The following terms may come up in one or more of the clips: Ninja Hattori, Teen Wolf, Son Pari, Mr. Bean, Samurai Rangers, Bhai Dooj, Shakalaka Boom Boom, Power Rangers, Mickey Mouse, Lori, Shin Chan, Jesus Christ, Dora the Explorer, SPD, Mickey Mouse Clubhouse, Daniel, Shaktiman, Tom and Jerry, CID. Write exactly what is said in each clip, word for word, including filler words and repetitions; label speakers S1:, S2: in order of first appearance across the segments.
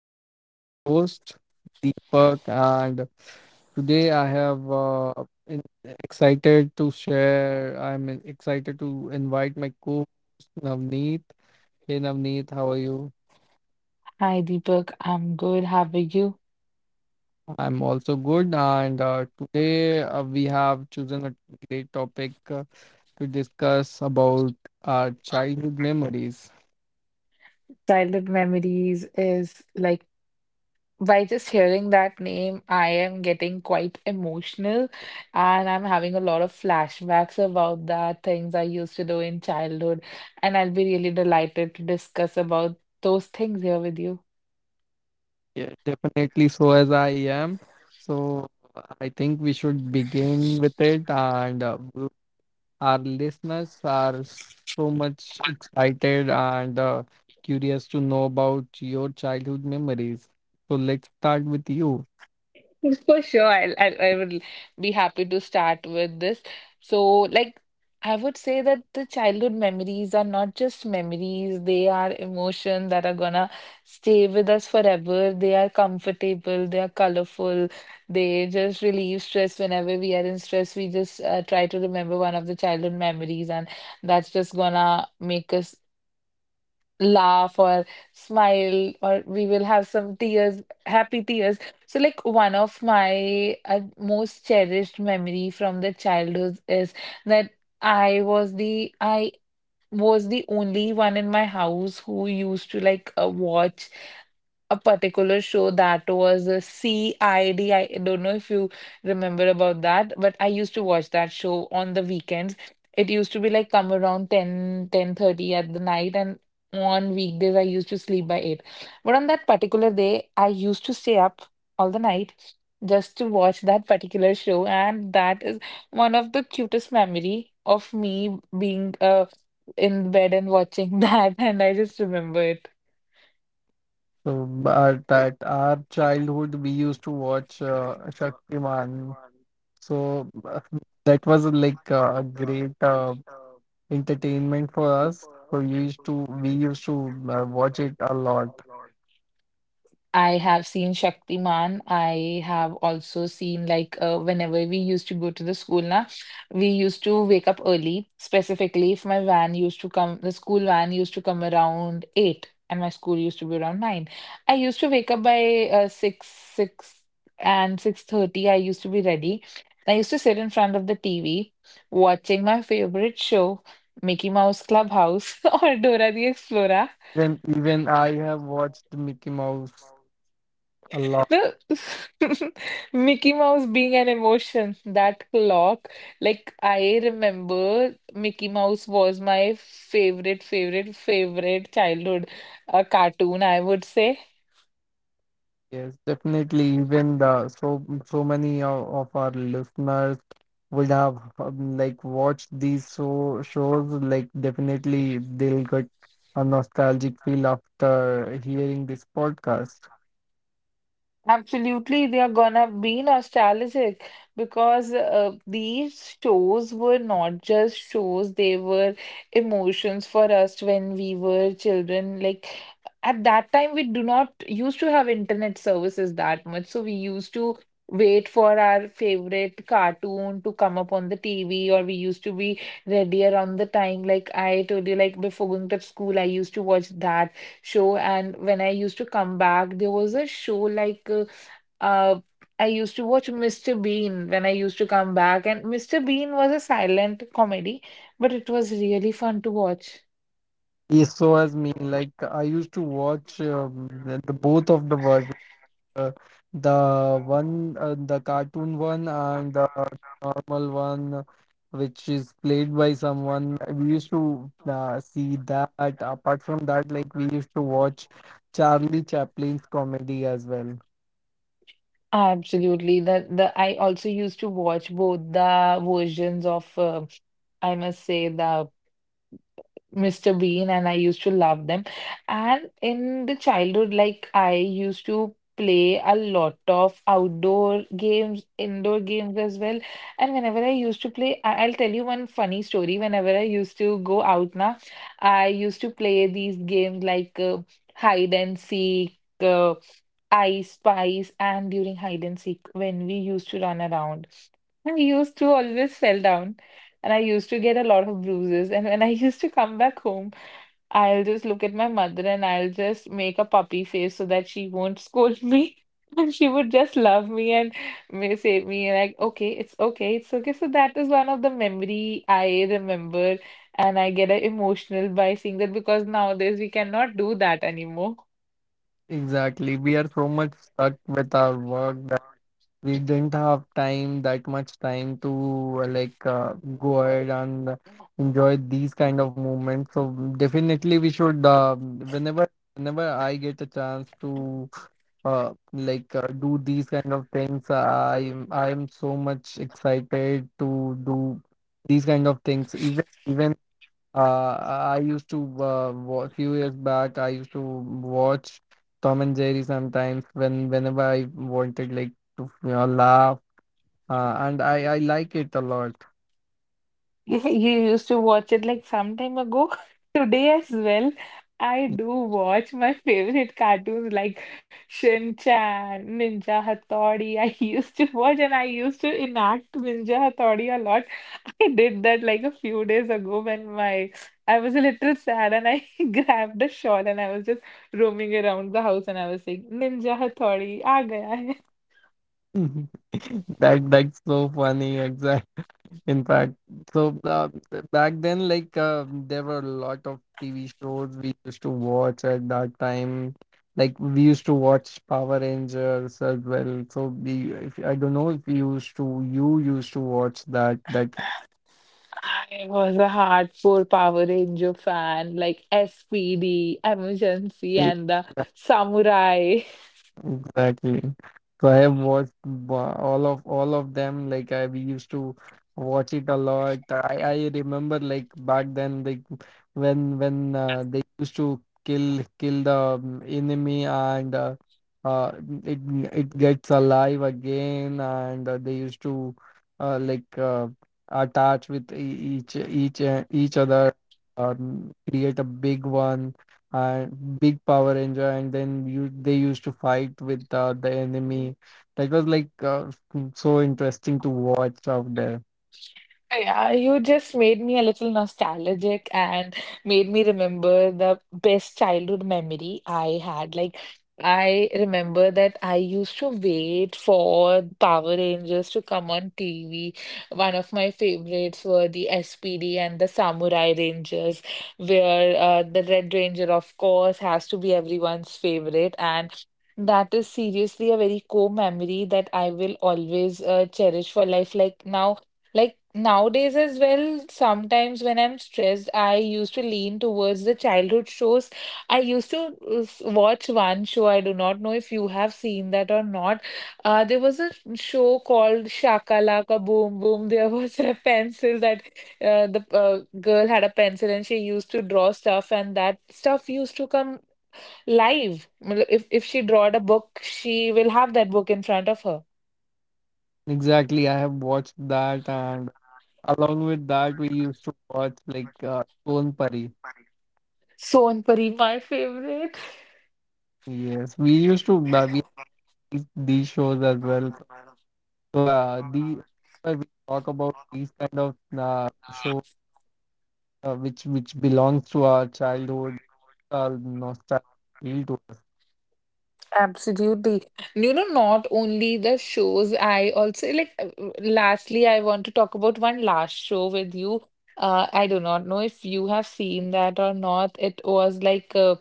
S1: This is your host Deepak, and today I have uh, in- excited to share. I'm excited to invite my co-host Navneet. Hey Navneet, how are you?
S2: Hi, Deepak. I'm good. How are you?
S1: I'm also good, and uh, today uh, we have chosen a great topic uh, to discuss about our childhood memories.
S2: Childhood memories is like by just hearing that name, I am getting quite emotional, and I'm having a lot of flashbacks about that, things I used to do in childhood. And I'll be really delighted to discuss about those things here with you.
S1: Yeah, definitely, so as I am. So I think we should begin with it. And uh, w- our listeners are so much excited and uh, curious to know about your childhood memories. So let's start with you.
S2: For sure, I'll, I'll I would be happy to start with this. So, like, I would say that the childhood memories are not just memories, they are emotions that are gonna stay with us forever. They are comfortable, they are colorful, they just relieve stress. Whenever we are in stress, we just uh, try to remember one of the childhood memories, and that's just gonna make us laugh or smile, or we will have some tears, happy tears. So like one of my uh, most cherished memory from the childhood is that i was the i was the only one in my house who used to like uh, watch a particular show that was a C I D. I D. I don't know if you remember about that, but I used to watch that show on the weekends. It used to be like come around ten, ten thirty at the night, and on weekdays I used to sleep by eight. But on that particular day, I used to stay up all the night just to watch that particular show, and that is one of the cutest memory of me being uh, in bed and watching that, and I just remember it.
S1: So, but at our childhood, we used to watch uh, Shaktiman. So uh, that was uh, like uh, a great uh, entertainment for us. So you used to we used to uh, watch it a lot.
S2: I have seen Shaktiman. I have also seen like uh, whenever we used to go to the school na, we used to wake up early. Specifically, if my van used to come, the school van used to come around eight, and my school used to be around nine. I used to wake up by uh, six, six and six thirty. I used to be ready. I used to sit in front of the T V watching my favorite show, Mickey Mouse Clubhouse or Dora the Explorer.
S1: Even even I have watched Mickey Mouse a lot.
S2: No, Mickey Mouse being an emotion, that clock, like I remember Mickey Mouse was my favorite, favorite, favorite childhood uh, cartoon, I would say.
S1: Yes, definitely. Even the so so many of, of our listeners would have um, like watched these so shows. Like definitely, they'll get a nostalgic feel after hearing this podcast.
S2: Absolutely, they are gonna be nostalgic because uh, these shows were not just shows, they were emotions for us when we were children. Like at that time, we do not used to have internet services that much, so we used to wait for our favorite cartoon to come up on the T V, or we used to be ready around the time. Like I told you, like before going to school, I used to watch that show, and when I used to come back there was a show like uh, uh I used to watch mister Bean when I used to come back, and mister Bean was a silent comedy, but it was really fun to watch.
S1: Yes, so as me, like I used to watch um, the, the both of the versions. uh, the one, uh, the cartoon one, and the normal one, uh, which is played by someone. We used to uh, see that. Apart from that, like we used to watch Charlie Chaplin's comedy as well.
S2: Absolutely. The the I also used to watch both the versions of uh, I must say the. mister Bean, and I used to love them. And in the childhood, like I used to play a lot of outdoor games, indoor games as well. And whenever I used to play, I- I'll tell you one funny story. Whenever I used to go out now, I used to play these games like uh, hide and seek, uh, I spice, and during hide and seek, when we used to run around, I used to always fell down. And I used to get a lot of bruises. And when I used to come back home, I'll just look at my mother and I'll just make a puppy face so that she won't scold me. And she would just love me and may say me like, okay, it's okay, it's okay. So that is one of the memory I remember, and I get uh, emotional by seeing that because nowadays we cannot do that anymore.
S1: Exactly. We are so much stuck with our work, we didn't have time, that much time to uh, like uh, go ahead and enjoy these kind of moments. So definitely we should, uh, whenever whenever I get a chance to uh, like uh, do these kind of things, i i am so much excited to do these kind of things. Even even uh, I used to uh, wa- few years back, I used to watch Tom and Jerry sometimes, when whenever I wanted, like, to you know, laugh, uh, and I I like it a lot.
S2: You you used to watch it like some time ago. Today as well, I do watch my favorite cartoons like Shin Chan, Ninja Hattori. I used to watch, and I used to enact Ninja Hattori a lot. I did that like a few days ago when my I was a little sad, and I grabbed a shawl and I was just roaming around the house and I was saying Ninja Hattori, aa gaya hai."
S1: That that's so funny. In fact, so uh, back then, like uh, there were a lot of T V shows we used to watch at that time. Like we used to watch Power Rangers as well. So we, if, I don't know if you used to, you used to watch that that
S2: I was a hardcore Power Ranger fan, like S P D, Emergency, and the Samurai.
S1: Exactly. So I have watched ba- all of all of them. Like I we used to watch it a lot. I I remember, like back then, like when when uh, they used to kill kill the um, enemy, and uh, uh it, it gets alive again, and uh, they used to uh, like uh, attach with e- each each uh, each other, um, create a big one, and big Power Ranger, and then you they used to fight with uh, the enemy. That was like uh, so interesting to watch out there.
S2: Yeah, you just made me a little nostalgic and made me remember the best childhood memory I had. Like, I remember that I used to wait for Power Rangers to come on T V. One of my favorites were the S P D and the Samurai Rangers, where uh, the Red Ranger, of course, has to be everyone's favorite. And that is seriously a very core memory that I will always uh, cherish for life. Like, now. Like, nowadays, as well, sometimes when I'm stressed, I used to lean towards the childhood shows. I used to uh, s- watch one show. I do not know if you have seen that or not. Uh, there was a show called Shakalaka Boom Boom. There was a pencil that uh, the uh, girl had a pencil and she used to draw stuff, and that stuff used to come live. Matlab, if if she drawed a book, she will have that book in front of her.
S1: Exactly, I have watched that, and along with that, we used to watch like uh, Son Pari.
S2: Son Pari, my favorite.
S1: Yes, we used to uh, we these these shows as well. So uh, the whenever we talk about these kind of uh, shows uh, which which belongs to our childhood, uh, nostalgia feel to us.
S2: Absolutely. You know, not only the shows, I also like, uh, lastly, I want to talk about one last show with you. Uh, I do not know if you have seen that or not. It was like, uh,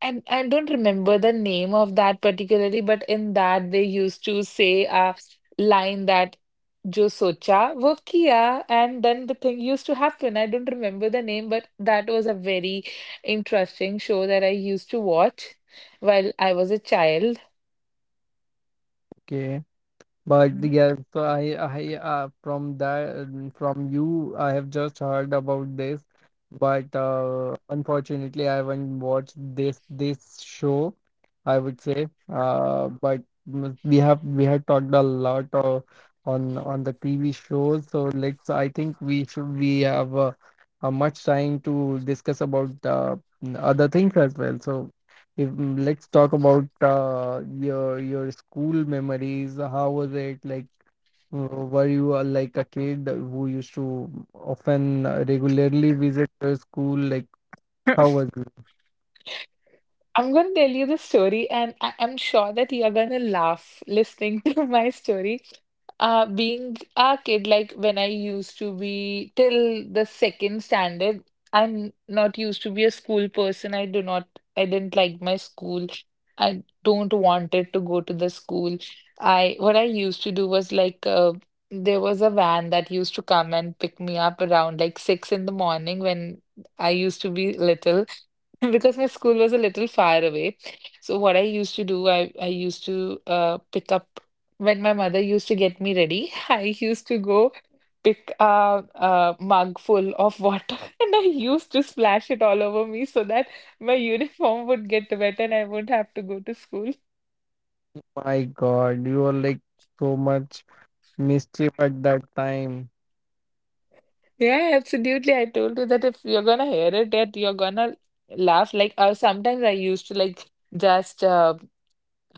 S2: and I don't remember the name of that particularly, but in that they used to say a line that जो सोचा वो किया and then the thing used to happen. I don't remember the name, but that was a very interesting show that I used to watch while I was a child.
S1: Okay. But
S2: Mhm.
S1: yeah, so I, I, uh, from that, from you, I have just heard about this, but uh, unfortunately, I haven't watched this this show, I would say. Uh, but mm, We have we had talked a lot uh, on on the T V shows, so let's. I think we should we have uh, uh, much time to discuss about uh, other things as well. So if, mm, let's talk about uh, your your school memories. How was it? Like, uh, were you uh, like a kid who used to often uh, regularly visit your school? Like, how was it?
S2: I'm going to tell you the story, and I I'm sure that you're going to laugh listening to my story. Uh, being a kid, like when I used to be till the second standard, I'm not used to be a school person. I do not, I didn't like my school. I don't wanted to go to the school. I, what I used to do was like uh, there was a van that used to come and pick me up around like six in the morning when I used to be little. Because my school was a little far away. So what I used to do, I, I used to uh, pick up when my mother used to get me ready, I used to go pick a, a mug full of water and I used to splash it all over me so that my uniform would get wet and I wouldn't have to go to school.
S1: My God, you were like so much mischief at that time.
S2: Yeah, absolutely. I told you that if you're gonna hear it, that you're gonna laugh. Like uh, sometimes I used to like just uh,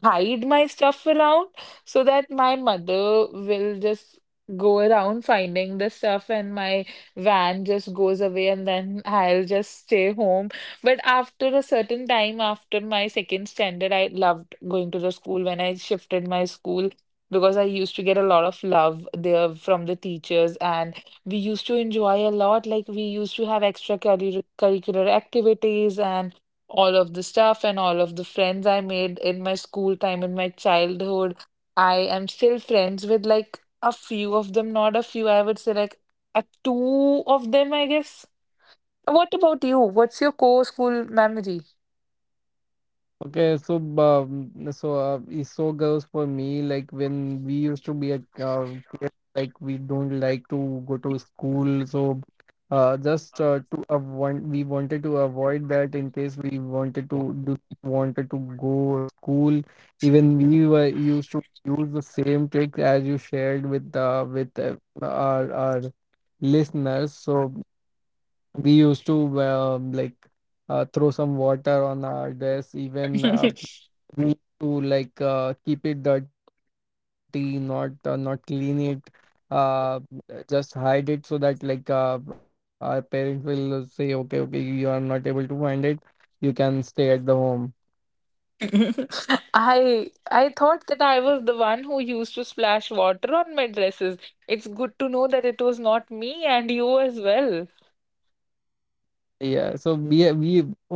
S2: hide my stuff around so that my mother will just go around finding the stuff and my van just goes away, and then I'll just stay home. But after a certain time, after my second standard, I loved going to the school when I shifted my school because I used to get a lot of love there from the teachers, and we used to enjoy a lot. Like, we used to have extra curricular activities and all of the stuff, and all of the friends I made in my school time, in my childhood. I am still friends with like a few of them, not a few, I would say like a two of them, I guess. What about you? What's your co-school memory?
S1: Okay, so um, so uh, is- so goes for me. Like when we used to be a uh, kid, like we don't like to go to school. So, uh, just uh, to avoid, we wanted to avoid that, in case we wanted to do, wanted to go school. Even we were used to use the same trick as you shared with uh, with uh, our our listeners. So we used to um, like uh, throw some water on our dress even. Uh, we need to like uh, keep it dirty, not uh, not clean it, uh just hide it, so that like uh, our parents will say, okay, okay, you are not able to find it, you can stay at the home.
S2: I I thought that I was the one who used to splash water on my dresses. It's good to know that it was not me and you as well.
S1: Yeah, so we we oh,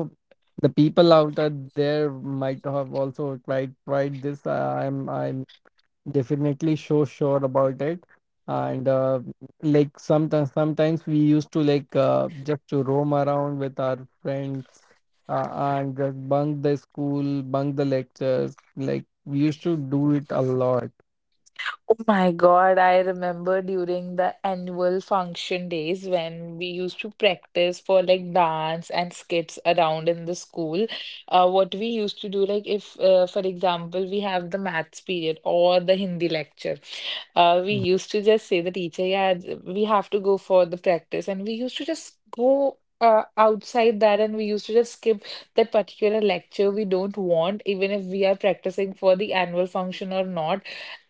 S1: the people out uh, there might have also tried tried this. I'm i'm I definitely so sure about it. And uh, like some sometimes we used to like uh, just to roam around with our friends, uh, and just bunk the school, bunk the lectures, like we used to do it a lot.
S2: Oh my God, I remember during the annual function days when we used to practice for like dance and skits around in the school. Uh, what we used to do, like if, uh, for example, we have the maths period or the Hindi lecture, uh, we used to just say the teacher, yeah, th- we have to go for the practice, and we used to just go. Uh, outside that, and we used to just skip that particular lecture we don't want, even if we are practicing for the annual function or not,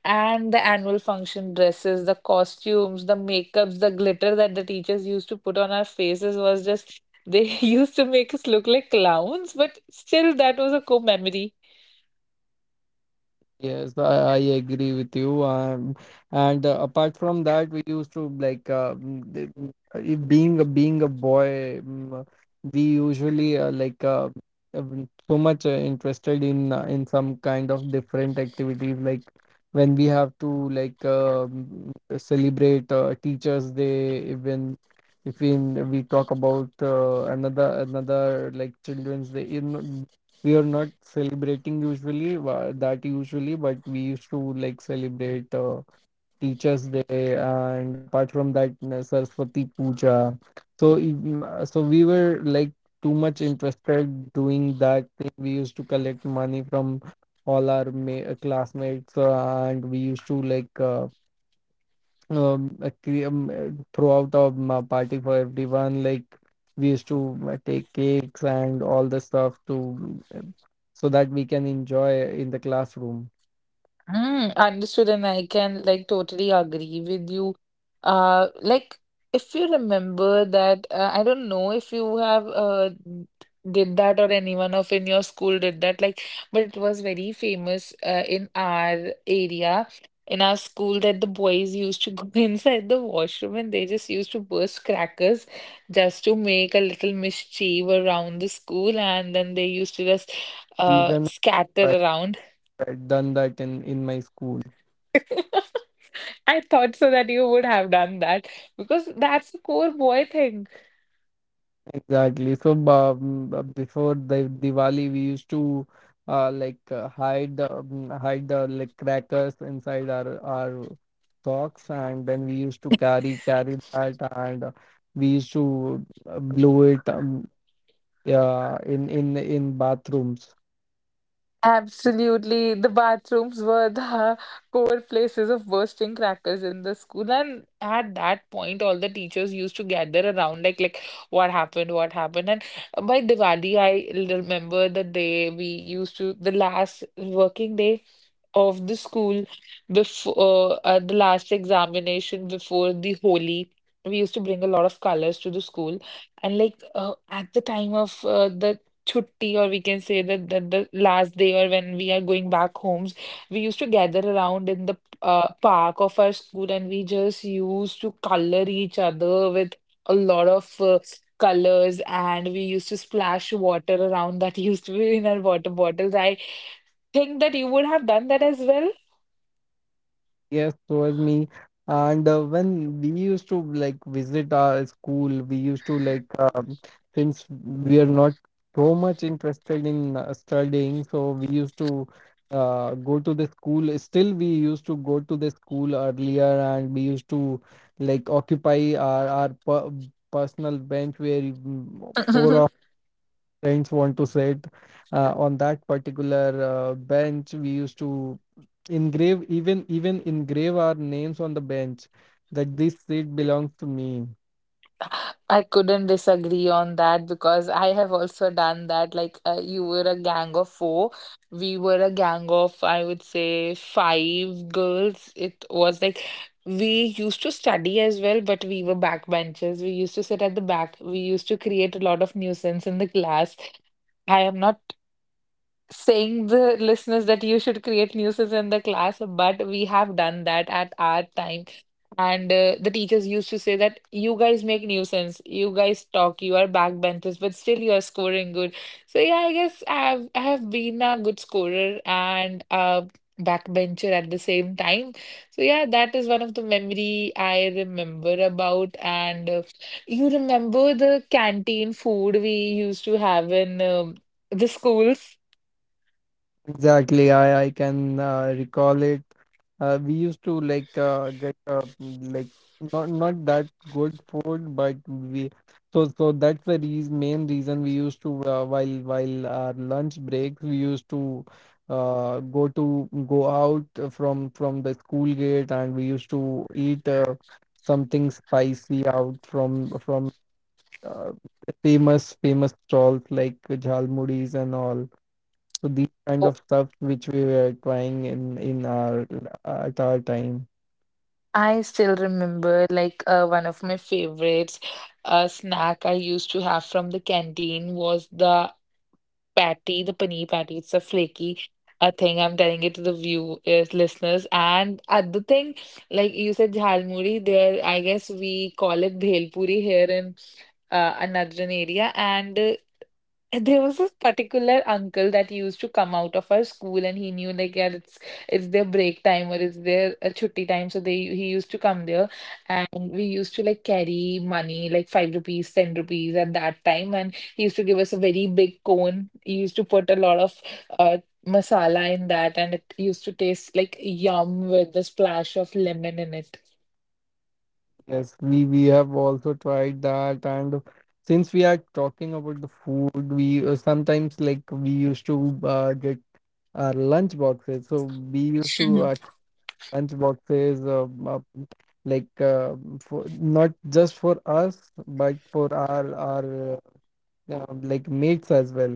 S2: and the annual function dresses, the costumes, the makeups, the glitter that the teachers used to put on our faces was just, they used to make us look like clowns, but still, that was a cool memory.
S1: Yes, I, I agree with you. Um, and uh, apart from that, we used to like uh, mm, the- mm, uh, if being a being a boy, mm, uh, we usually uh, like uh, uh, mm, so much uh, interested in uh, in some kind of different activities. Like when we have to like uh, mm, uh, celebrate uh, Teachers' Day, even if we, we talk about uh, another another like Children's Day. You know, we are not celebrating usually wa- that usually, but we used to like celebrate uh, teachers day, and apart from that, uh, saraswati puja. So even- uh, so we were like too much interested doing that thing. We used to collect money from all our ma- classmates, uh, and we used to like uh, no, um, uh, cre- um, uh, throw out a um, a party for everyone. Like we used to uh, take cakes and all the stuff to, uh, so that we can enjoy in the classroom.
S2: Mm, understood, and I can like totally agree with you. Uh, like if you remember that, uh, I don't know if you have uh did that or anyone of in your school did that, like, but it was very famous uh, in our area, in our school that the boys used to go inside the washroom and they just used to burst crackers just to make a little mischief around the school, and then they used to just uh
S1: Even
S2: scatter
S1: I
S2: around.
S1: had done that in in my school.
S2: I thought so that you would have done that because that's the core boy thing.
S1: Exactly. So, um, uh, before the Diwali, we used to uh, like uh, hide the, um, hide the like crackers inside our our socks, and then we used to carry carry that, and uh, we used to uh, blow it, um, yeah, in in in bathrooms.
S2: Absolutely. The bathrooms were the core places of bursting crackers in the school. And at that point, all the teachers used to gather around, like, like what happened, what happened. And by Diwali, I remember the day we used to, the last working day of the school before uh, the last examination before the Holi. We used to bring a lot of colors to the school, and like uh, at the time of uh, the chutti, or we can say that the, the last day or when we are going back homes, we used to gather around in the uh, park of our school and we just used to color each other with a lot of uh, colors and we used to splash water around that used to be in our water bottles. I think that you would have done that as
S1: Yes, so was me. And uh, when we used to like visit our school, we used to like, um, since we are not so much interested in uh, studying, so we used to uh, go to the school. Still, we used to go to the school earlier, and we used to like occupy our our per personal bench where you-
S2: well.
S1: four friends want to sit uh, on that particular uh, bench. We used to engrave even even engrave our names on the bench that this seat belongs to me.
S2: I couldn't disagree on that because I have also done that. Like, uh, you were a gang of four. We were a gang of, I would say, five girls. It was like we used to study as well, but we were backbenchers. We used to sit at the back. We used to create a lot of nuisance in the class. I am not saying the listeners that you should create nuisance in the class, but we have done that at our time and uh, the teachers used to say that you guys make nuisance, you guys talk, you are backbenchers, but still you are scoring good. So yeah, I guess I've I have been a good scorer and a backbencher at the same time. So yeah, that is one of the memory I remember about. And uh, you remember the canteen food we used to have in um, the schools?
S1: Exactly, I I can uh, recall it. Uh, we used to like uh, get uh, mm, like not not that good food, but we, so so that's the reas main reason we used to, uh, while while our lunch breaks we used to uh, go to go out uh, from from the school gate, and we used to eat uh, something spicy out from from uh, famous famous stalls like jhalmuris and all. So these kind of stuff which we were trying in in our uh, at our time.
S2: I still remember like uh, one of my favorites uh, snack I used to have from the canteen was the patty, the paneer patty. It's a flaky uh, thing. I'm telling it to the view uh, listeners. And other thing, like you said, jhalmuri there. I guess we call it bhelpuri here in uh, another area. And uh, and there was this particular uncle that used to come out of our school, and he knew like, yeah, it's it's their break time or it's their uh, chutti time. So they he used to come there, and we used to like carry money, like five rupees, ten rupees at that time, and he used to give us a very big cone. He used to put a lot of uh, masala in that, and it used to taste like yum with the splash of lemon in it.
S1: Yes, we we have also tried that, and since we are talking about the food, we uh, sometimes like we used to uh, get our lunch boxes. So we used to uh, lunch boxes, um, uh, like uh, for not just for us, but for our our uh, um, like mates as well.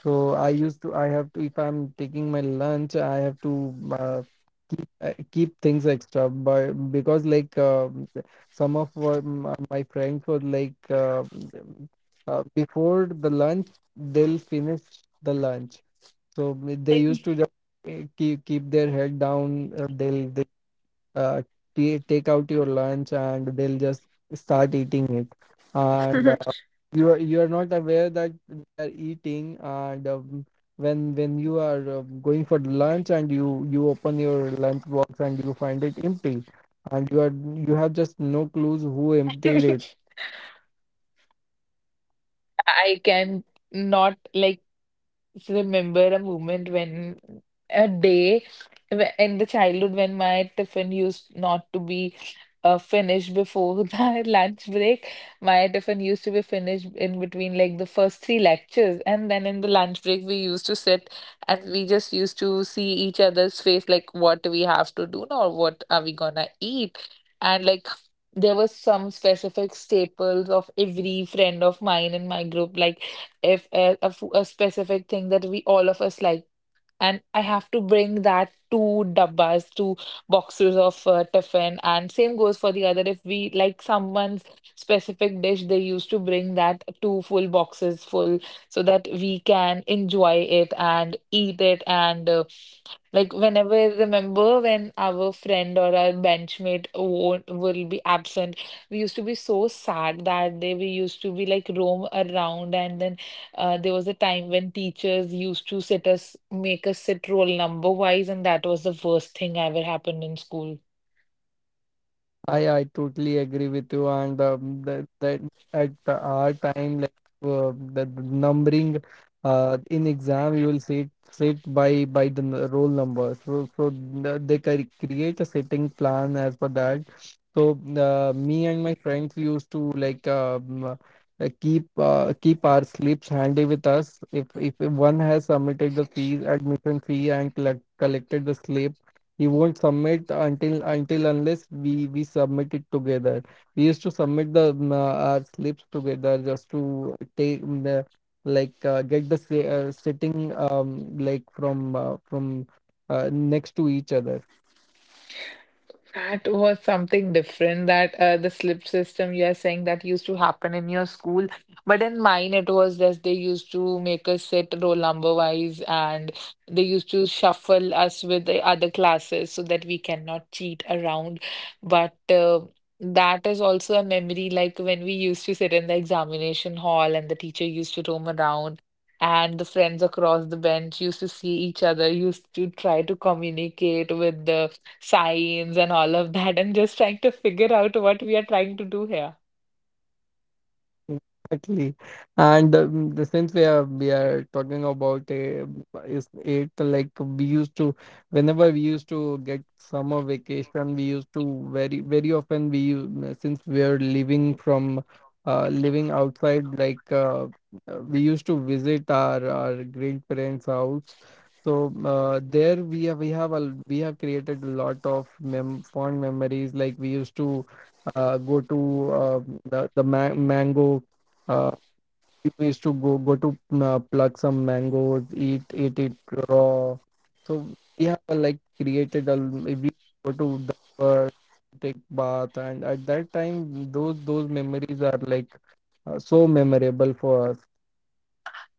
S1: So I used to, I have to, if I'm taking my lunch, I have to uh, keep uh, keep things extra. But because like um some of uh, m- my friends were like uh, uh, before the lunch, they'll finish the lunch. So they used to just, eh, keep keep their head down. Uh, they'll uh, ta- take out your lunch, and they'll just start eating it, and uh, you, are you are not aware that they are eating. And um, when when you are uh, going for lunch, and you you open your lunch box and you find it empty, and you are, you have just no clues who emptied it.
S2: I can not like. Just remember a moment when a day wh- in the childhood when my tiffin used not to be uh, finished before the lunch break. My tiffin used to be finished in between like the first three lectures, and then in the lunch break we used to sit and we just used to see each other's face, like what we have to do now, what are we gonna eat, and like. There was some specific staples of every friend of mine in my group, like if a a, fo- a specific thing that we all of us like, and I have to bring that two dabbas, two boxes of uh, tiffin, and same goes for the other. If we like someone's specific dish, they used to bring that two full boxes full so that we can enjoy it and eat it. And uh, Like, whenever I remember when our friend or our benchmate won't will be absent, we used to be so sad that day. We used to be like roam around, and then uh, there was a time when teachers used to sit us make us sit roll number wise, and that was the worst thing ever happened in school.
S1: I I totally agree with you, and um, that that at the- our time, like uh, the, the numbering, uh, in exam you will see it set by by the n- roll number. So so the- they cre- create a setting plan as per that. So uh, me and my friends used to like um, uh, uh, keep uh, keep our slips handy with us. If if one has submitted the fees, admission fee, and collect, collected the slip, he won't submit until until unless we we submit it together. We used to submit the mm, uh, our slips together, just to take mm, the, like uh, get the si- uh, sitting, um like from uh, from uh, next to each other.
S2: That was something different that uh, the slip system you are saying that used to happen in your school. But in mine, it was just they used to make us sit roll number wise and they used to shuffle us with the other classes so that we cannot cheat around. But uh, that is also a memory like when we used to sit in the examination hall and the teacher used to roam around. And the friends across the bench used to see each other, used to try to communicate with the signs and all of that and just trying to figure out what we are trying to do here.
S1: Exactly. And um, the since we are we are talking about a is it like we used to whenever we used to get summer vacation we used to very very often we u- since we are living from uh living outside like uh, uh, we used to visit our our grandparents' house. So uh, there we have we have a we have created a lot of mem fond memories like we used to uh, go to uh, the, the ma- mango uh, people used to go go to uh, pluck some mangoes eat eat it raw, so we have uh, like created a we go to the river, take bath, and at that time those those memories are like uh, so memorable for us.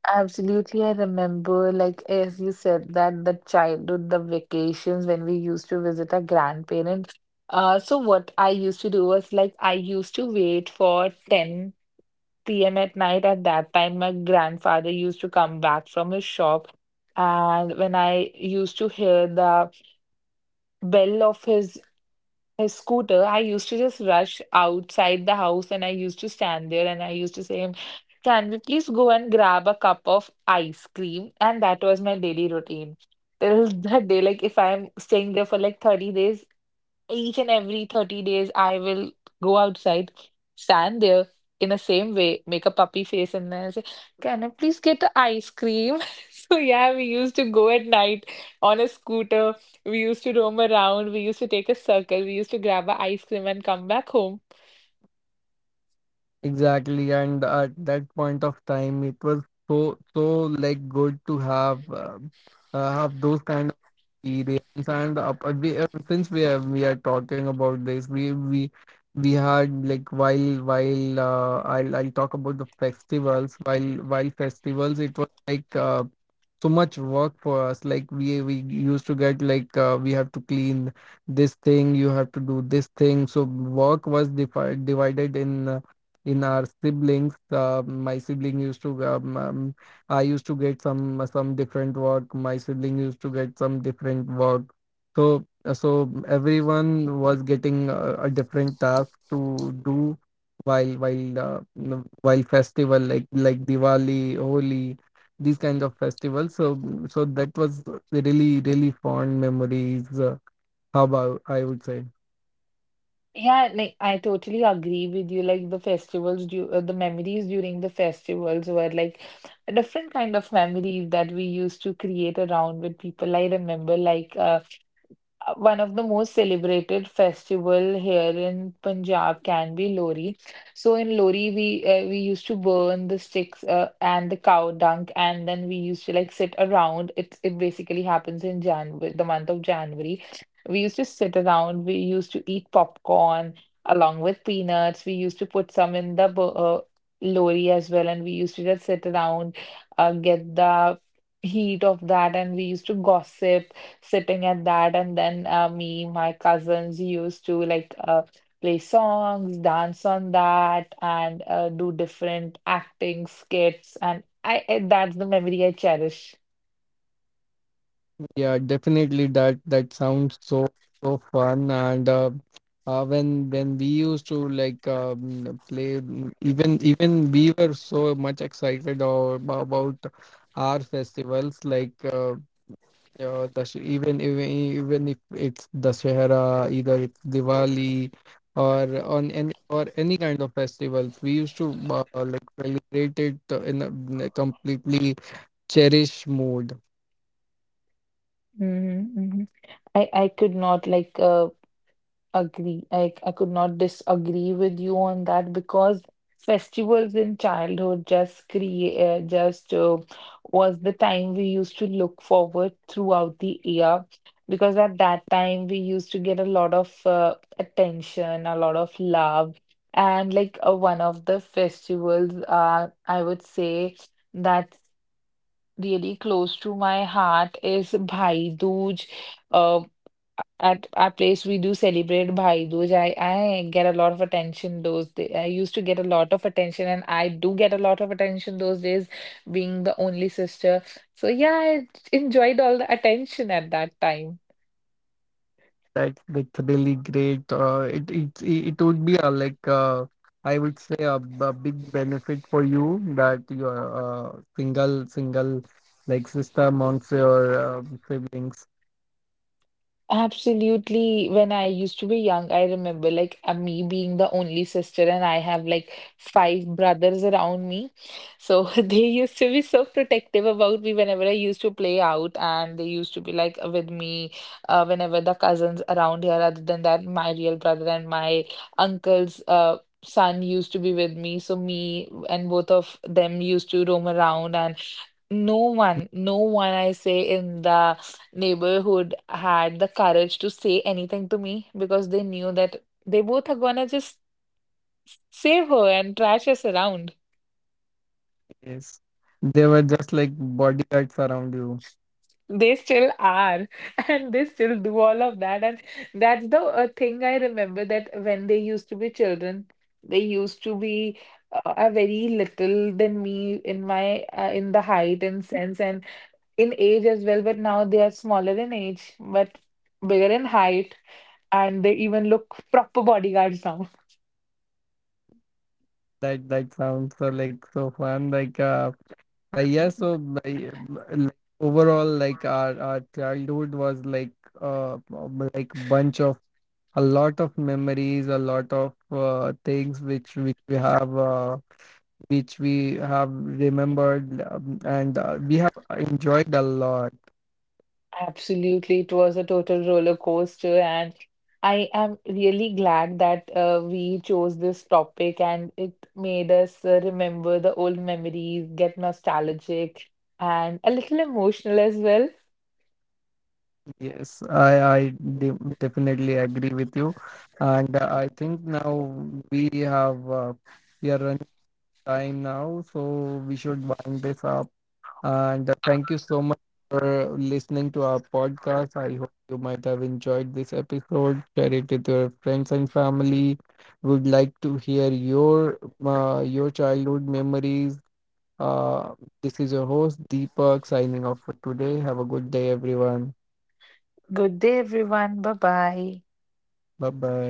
S2: Absolutely, I remember, like as you said, that the childhood, the vacations when we used to visit our grandparents. Uh, so what I used to do was like I used to wait for ten p m at night. At that time, my grandfather used to come back from his shop, and when I used to hear the bell of his a scooter, I used to just rush outside the house and I used to stand there and I used to say him, can we please go and grab a cup of ice cream? And that was my daily routine. Till that day, like if I'm staying there for like thirty days, each and every thirty days, I will go outside, stand there in the same way, make a puppy face, and then I say, can I please get the ice cream? So, yeah, we used to go at night on a scooter. We used to roam around. We used to take a circle. We used to grab a ice cream and come back home.
S1: Exactly, and at that point of time, it was so so like good to have uh, uh, have those kind of experience. And up, uh, we, uh, since we are we are talking about this, we we we had like while while uh, I'll I'll talk about the festivals. While while festivals, it was like uh, so much work for us like we we used to get like uh, we have to clean this thing, you have to do this thing, so work was defi- divided in uh, in our siblings. Uh, my sibling used to um, um, i used to get some some different work, my sibling used to get some different work. So uh, so everyone was getting a, a different task to do while while uh, while festival like like Diwali, Holi, these kind of festivals. So so that was really really fond memories. Uh, how about I would say
S2: Yeah, like I totally agree with you. Like the festivals, du uh, the memories during the festivals were like a different kind of memories that we used to create around with people. I remember like uh, uh, one of the most celebrated festival here in Punjab can be Lori. So in Lori, we uh, we used to burn the sticks uh, and the cow dung, and then we used to like sit around. It it basically happens in January, the month of January. We used to sit around. We used to eat popcorn along with peanuts. We used to put some in the bu- uh, Lori as well, and we used to just sit around, uh, get the heat of that, and we used to gossip sitting at that, and then uh, me, my cousins used to like uh, play songs, dance on that, and uh, do different acting skits, and I, I that's the memory I cherish.
S1: yeah, definitely that that sounds so so fun. And uh, uh, when when we used to like um, play, mm, even even we were so much excited or about our festivals like. uh, Yeah, the, sh- even even even if it's Dussehra, either it's Diwali or on any or any kind of festivals, we used to uh, like celebrate it uh, in a, in a completely cherished mood.
S2: Mm-hmm. I I could not like uh, Agree. I, I could not disagree with you on that because festivals in childhood just create uh, just uh, was the time we used to look forward throughout the year because at that time we used to get a lot of uh, attention, a lot of love, and like uh, one of the festivals uh, I would say that's really close to my heart is Bhai Dooj. uh, at our place, we do celebrate Bhai Dooj. I, I get a lot of attention those days. I used to get a lot of attention, and I do get a lot of attention those days, being the only sister. So, yeah, I enjoyed all the attention at that time.
S1: That that's really great. Uh, it it it would be a, like uh, I would say a, b- a big benefit for you that you are uh, single single like sister amongst your uh, siblings.
S2: Absolutely. When I used to be young, I remember like uh, me being the only sister, and I have like five brothers around me. So they used to be so protective about me whenever I used to play out, and they used to be like with me uh, whenever the cousins around here, other than that, my real brother and my uncle's uh, son used to be with me. So me and both of them used to roam around, and no one, no one, I say, in the neighborhood had the courage to say anything to me because they knew that they both are gonna just save her and trash us around.
S1: Yes, they were just like bodyguards around you.
S2: They still are, and they still do all of that. And that's the uh, thing I remember that when they used to be children, they used to be uh, are very little than me in my uh, in the height and sense and in age as well. But now they are smaller in age, but bigger in height and they even look proper bodyguards now.
S1: That that sounds so like so fun. Like uh, uh yeah. So my, like overall, like our our childhood was like uh um, like bunch of a lot of memories, a lot of uh, things which which we have uh, which we have remembered, um, and uh, we have enjoyed a lot.
S2: Absolutely, it was a total roller coaster, and I am really glad that uh, we chose this topic and it made us uh, remember the old memories, get nostalgic, and a little emotional as well.
S1: Yes, I I de definitely agree with you, and uh, I think now we have. Uh, we are running. Time now, so we should wind this up. And uh, thank you so much for listening to our podcast. I hope you might have enjoyed this episode. Share it with your friends and family. Would like to hear your uh, your childhood memories. Uh, this is your host Deepak signing off for today. Have a good day, everyone.
S2: Good day, everyone. Bye bye.
S1: Bye bye.